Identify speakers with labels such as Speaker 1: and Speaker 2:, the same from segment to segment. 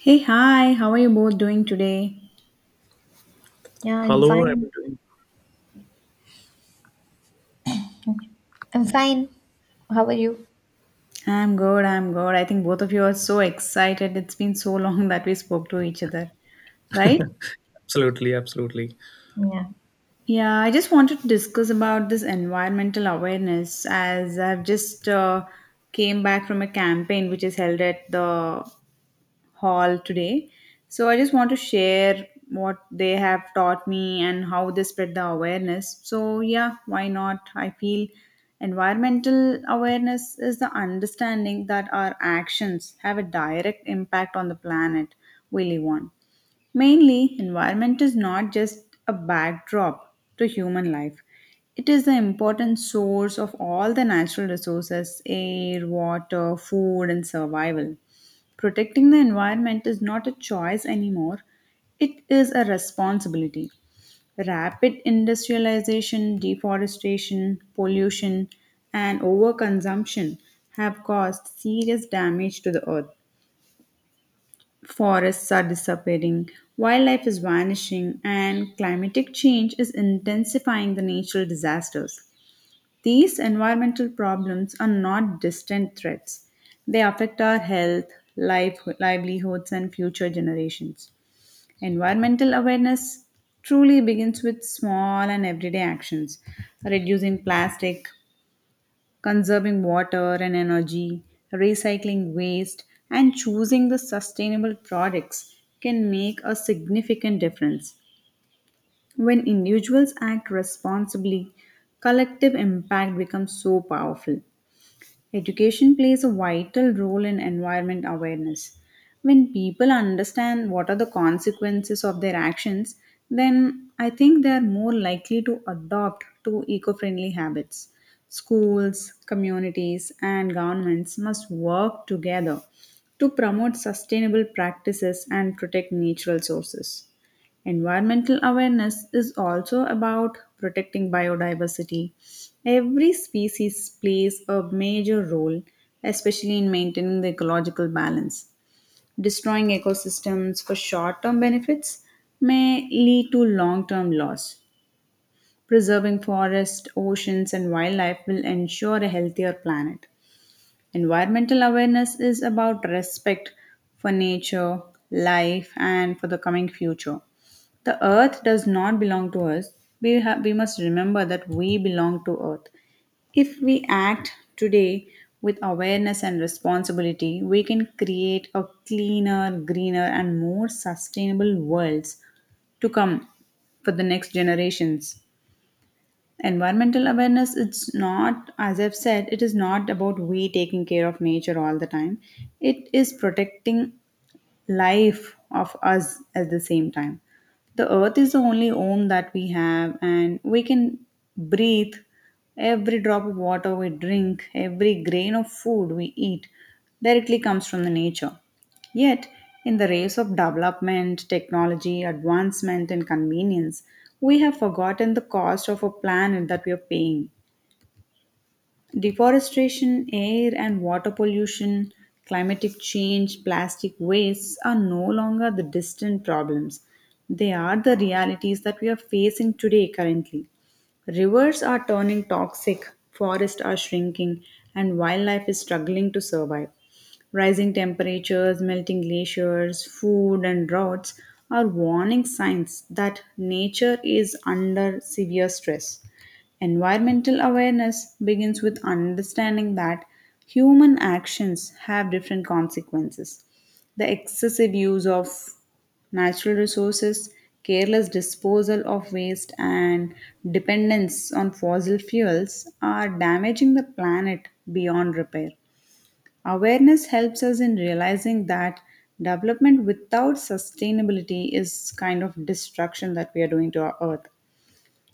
Speaker 1: Hey, hi, how are you both doing today?
Speaker 2: Yeah, I'm
Speaker 3: Hello, I'm
Speaker 2: fine.
Speaker 3: doing
Speaker 2: I'm fine. How are you?
Speaker 1: I'm good, I'm good. I think both of you are so excited. It's been so long that we spoke to each other, right?
Speaker 3: absolutely, absolutely.
Speaker 2: Yeah.
Speaker 1: Yeah, I just wanted to discuss about this environmental awareness as I've just came back from a campaign which is held at the hall today. So I just want to share what they have taught me and how they spread the awareness. So, yeah, why not? I feel environmental awareness is the understanding that our actions have a direct impact on the planet we live on. Mainly, environment is not just a backdrop to human life. It is the important source of all the natural resources air, water, food, and survival. Protecting the environment is not a choice anymore, it is a responsibility. Rapid industrialization, deforestation, pollution, and overconsumption have caused serious damage to the earth. Forests are disappearing, wildlife is vanishing, and climatic change is intensifying the natural disasters. These environmental problems are not distant threats. They affect our health, life, livelihoods, and future generations. Environmental awareness truly begins with small and everyday actions, reducing plastic, conserving water and energy, recycling waste, and choosing the sustainable products can make a significant difference. When individuals act responsibly, collective impact becomes so powerful. Education plays a vital role in environment awareness. When people understand what are the consequences of their actions, then I think they are more likely to adopt to eco-friendly habits. Schools, communities and governments must work together to promote sustainable practices and protect natural sources. Environmental awareness is also about protecting biodiversity. Every species plays a major role, especially in maintaining the ecological balance. Destroying ecosystems for short term benefits may lead to long term loss. Preserving forests, oceans, and wildlife will ensure a healthier planet. Environmental awareness is about respect for nature, life, and for the coming future. The earth does not belong to us. We must remember that we belong to earth. If we act today with awareness and responsibility, we can create a cleaner, greener, and more sustainable worlds to come for the next generations. Environmental awareness, it's not, as I've said, it is not about we taking care of nature all the time, it is protecting life of us at the same time. The earth is the only home that we have, and we can breathe. Every drop of water we drink, every grain of food we eat directly comes from the nature. Yet, in the race of development, technology, advancement, and convenience, we have forgotten the cost of a planet that we are paying. Deforestation, air and water pollution, climatic change, plastic waste are no longer the distant problems. They are the realities that we are facing today currently. Rivers are turning toxic, forests are shrinking, and wildlife is struggling to survive. Rising temperatures, melting glaciers, food, and droughts are warning signs that nature is under severe stress. Environmental awareness begins with understanding that human actions have different consequences. The excessive use of natural resources, careless disposal of waste, and dependence on fossil fuels are damaging the planet beyond repair. Awareness helps us in realizing that development without sustainability is kind of destruction that we are doing to our earth.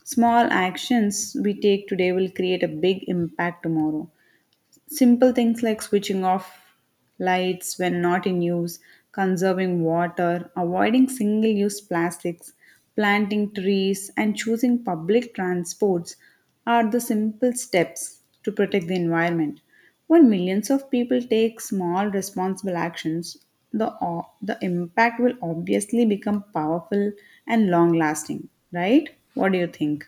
Speaker 1: Small actions we take today will create a big impact tomorrow. Simple things like switching off lights when not in use, conserving water, avoiding single use plastics, planting trees, and choosing public transports are the simple steps to protect the environment. When millions of people take small responsible actions, the impact will obviously become powerful and long lasting, right? What do you think?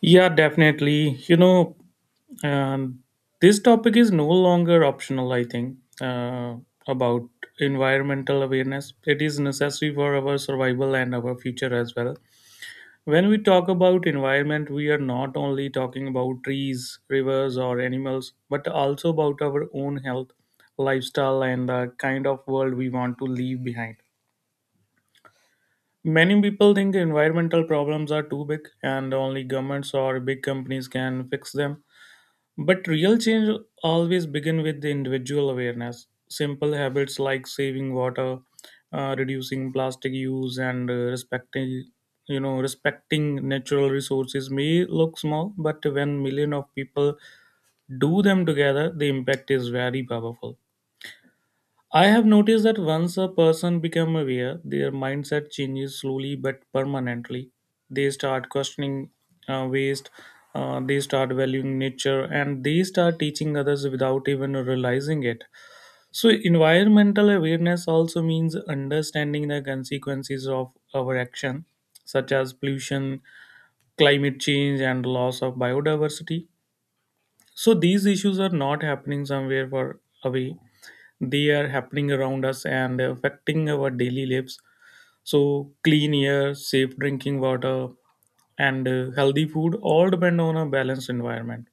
Speaker 3: Yeah, definitely. Um, this topic is no longer optional, I think, about environmental awareness. It is necessary for our survival and our future as well. When we talk about environment, we are not only talking about trees, rivers, or animals, but also about our own health, lifestyle, and the kind of world we want to leave behind. Many people think environmental problems are too big and only governments or big companies can fix them. But real change always begins with the individual awareness. Simple habits like saving water, reducing plastic use, and respecting, you know, respecting natural resources may look small, but when millions of people do them together, the impact is very powerful. I have noticed that once a person becomes aware, their mindset changes slowly but permanently. They start questioning waste, they start valuing nature, and they start teaching others without even realizing it. So, environmental awareness also means understanding the consequences of our action, such as pollution, climate change, and loss of biodiversity. So, these issues are not happening somewhere far away, they are happening around us and affecting our daily lives. So, clean air, safe drinking water, and healthy food all depend on a balanced environment.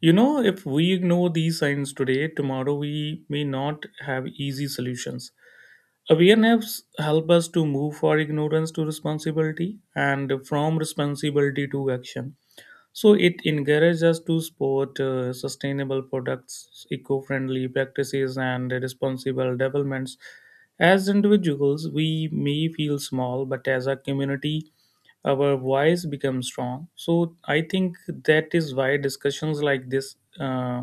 Speaker 3: You know, if we ignore these signs today, tomorrow we may not have easy solutions. Awareness help us to move for ignorance to responsibility, and from responsibility to action. So it encourages us to support sustainable products, eco-friendly practices, and responsible developments. As individuals, we may feel small, but as a community, our voice becomes strong. So I think that is why discussions like this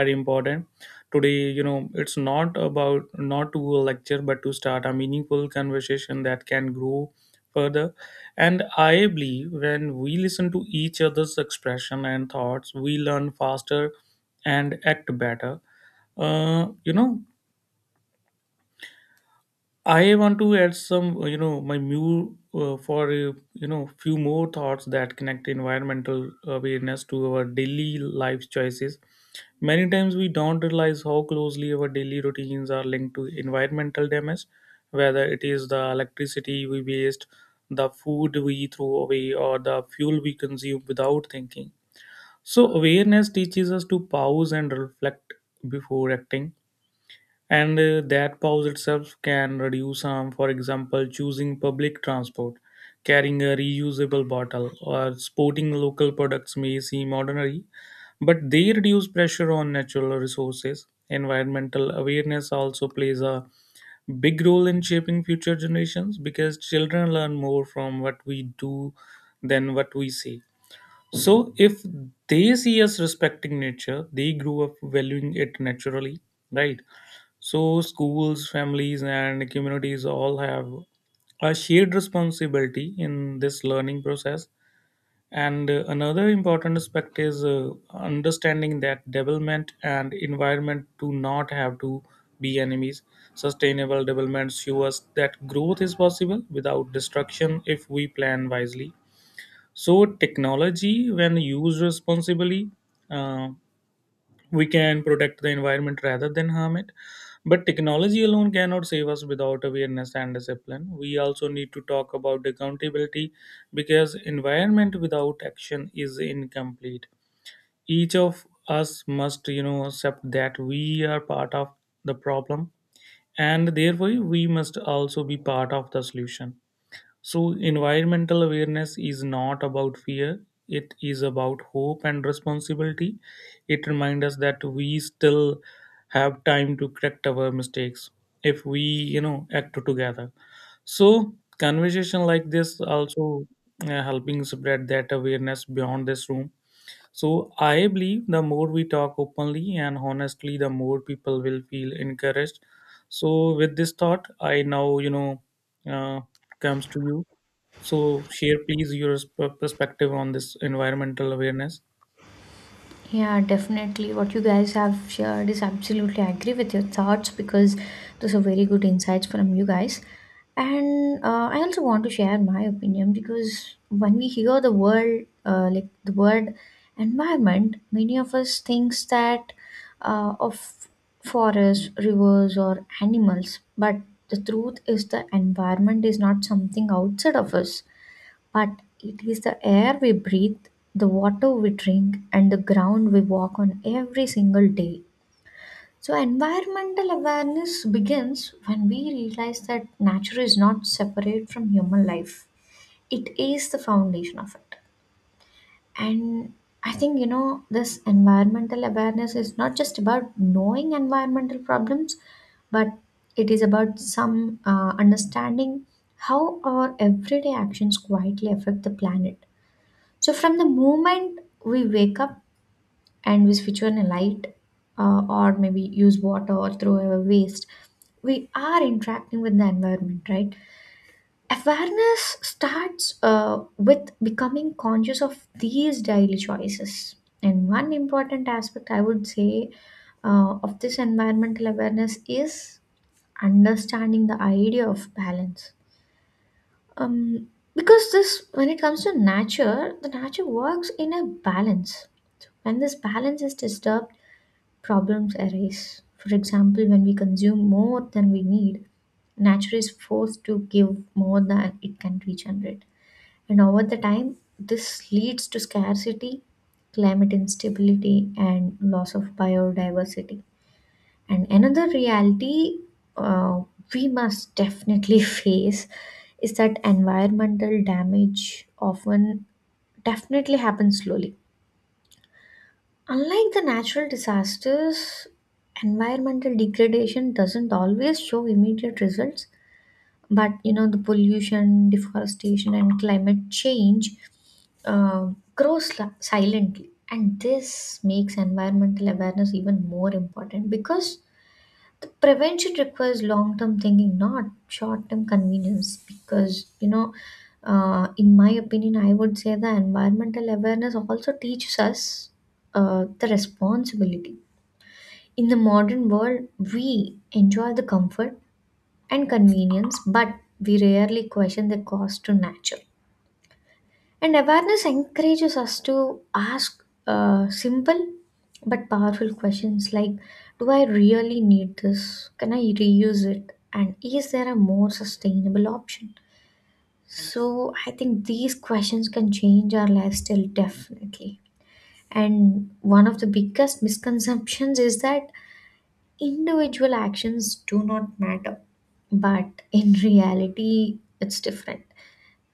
Speaker 3: are important today. You know, it's not about not to a lecture, but to start a meaningful conversation that can grow further. And I believe when we listen to each other's expression and thoughts, we learn faster and act better. You know, I want to add some, my view for you know, few more thoughts that connect environmental awareness to our daily life choices. Many times we don't realize how closely our daily routines are linked to environmental damage, whether it is the electricity we waste, the food we throw away, or the fuel we consume without thinking. So awareness teaches us to pause and reflect before acting. And that pause itself can reduce harm. For example, choosing public transport, carrying a reusable bottle, or sporting local products may seem ordinary, but they reduce pressure on natural resources. Environmental awareness also plays a big role in shaping future generations, because children learn more from what we do than what we say. So if they see us respecting nature, they grow up valuing it naturally, right? So, schools, families, and communities all have a shared responsibility in this learning process. And another important aspect is understanding that development and environment do not have to be enemies. Sustainable development shows us that growth is possible without destruction if we plan wisely. So, technology, when used responsibly, uh, we can protect the environment rather than harm it. But technology alone cannot save us without awareness and discipline. We also need to talk about accountability, because environment without action is incomplete. Each of us must, accept that we are part of the problem, and therefore we must also be part of the solution. So, environmental awareness is not about fear, it is about hope and responsibility. It reminds us that we still have time to correct our mistakes if we, act together. So, conversation like this also helping spread that awareness beyond this room. So, I believe the more we talk openly and honestly, the more people will feel encouraged. So, with this thought, I now, uh, comes to you. So, share please your perspective on this environmental awareness.
Speaker 2: Yeah, definitely. What you guys have shared is absolutely I agree with your thoughts because those are very good insights from you guys. And I also want to share my opinion because when we hear the word, like the word environment, many of us thinks that of forests, rivers, or animals. But the truth is, the environment is not something outside of us. But it is the air we breathe, the water we drink, and the ground we walk on every single day. So, environmental awareness begins when we realize that nature is not separate from human life, it is the foundation of it. And I think, you know, this environmental awareness is not just about knowing environmental problems, but it is about some understanding how our everyday actions quietly affect the planet. So from the moment we wake up and we switch on a light, or maybe use water or throw away waste, we are interacting with the environment, right? Awareness starts with becoming conscious of these daily choices. And one important aspect I would say, of this environmental awareness is understanding the idea of balance. um because this when it comes to nature, the nature works in a balance. So, when this balance is disturbed, problems arise. For example, when we consume more than we need, nature is forced to give more than it can regenerate, and over the time this leads to scarcity, climate instability, and loss of biodiversity. And another reality, uh, we must definitely face is that environmental damage often definitely happens slowly. Unlike the natural disasters, environmental degradation doesn't always show immediate results. But you know, the pollution, deforestation, and climate change, uh, silently. And this makes environmental awareness even more important because the prevention requires long term thinking, not short term convenience. Because you know, in my opinion, I would say the environmental awareness also teaches us the responsibility. In the modern world, we enjoy the comfort and convenience, but we rarely question the cost to nature, and awareness encourages us to ask simple but powerful questions like, do I really need this? Can I reuse it? And is there a more sustainable option? So I think these questions can change our lifestyle definitely. And one of the biggest misconceptions is that individual actions do not matter, but in reality, it's different.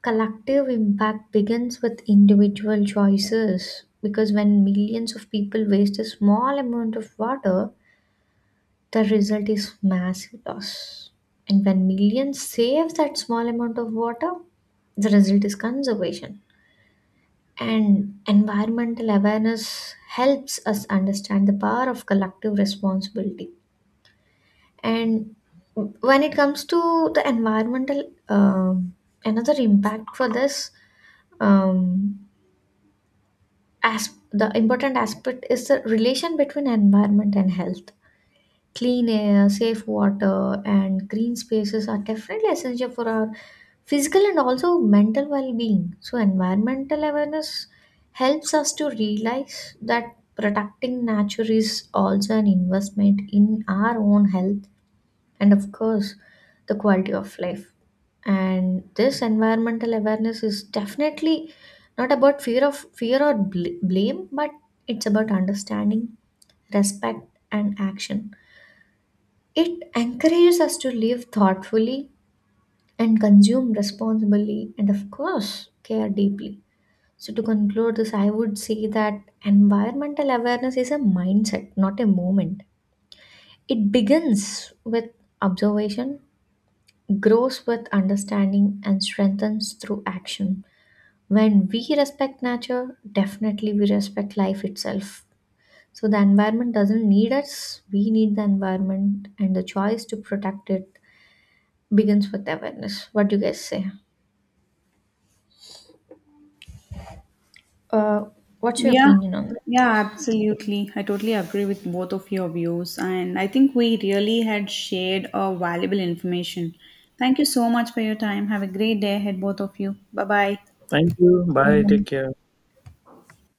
Speaker 2: Collective impact begins with individual choices because when millions of people waste a small amount of water, the result is massive loss. And when millions save that small amount of water, the result is conservation. And environmental awareness helps us understand the power of collective responsibility. And when it comes to the environmental, another impact for this, um, as the important aspect is the relation between environment and health. Clean air, safe water, and green spaces are definitely essential for our physical and also mental well-being. So environmental awareness helps us to realize that protecting nature is also an investment in our own health, and of course the quality of life. And this environmental awareness is definitely not about fear of fear or blame, but it's about understanding, respect, and action. It encourages us to live thoughtfully and consume responsibly, and of course care deeply. So to conclude this, I would say that environmental awareness is a mindset, not a moment. It begins with observation, grows with understanding, and strengthens through action. When we respect nature, definitely we respect life itself. So the environment doesn't need us, we need the environment, and the choice to protect it begins with awareness. What do you guys say? Uh, what's your
Speaker 1: Yeah,
Speaker 2: opinion on
Speaker 1: yeah, absolutely. I totally agree with both of your views, and I think we really had shared a valuable information. Thank you so much for your time. Have a great day ahead, both of you. Bye bye.
Speaker 3: Thank you. Bye. Take
Speaker 2: that?
Speaker 3: care.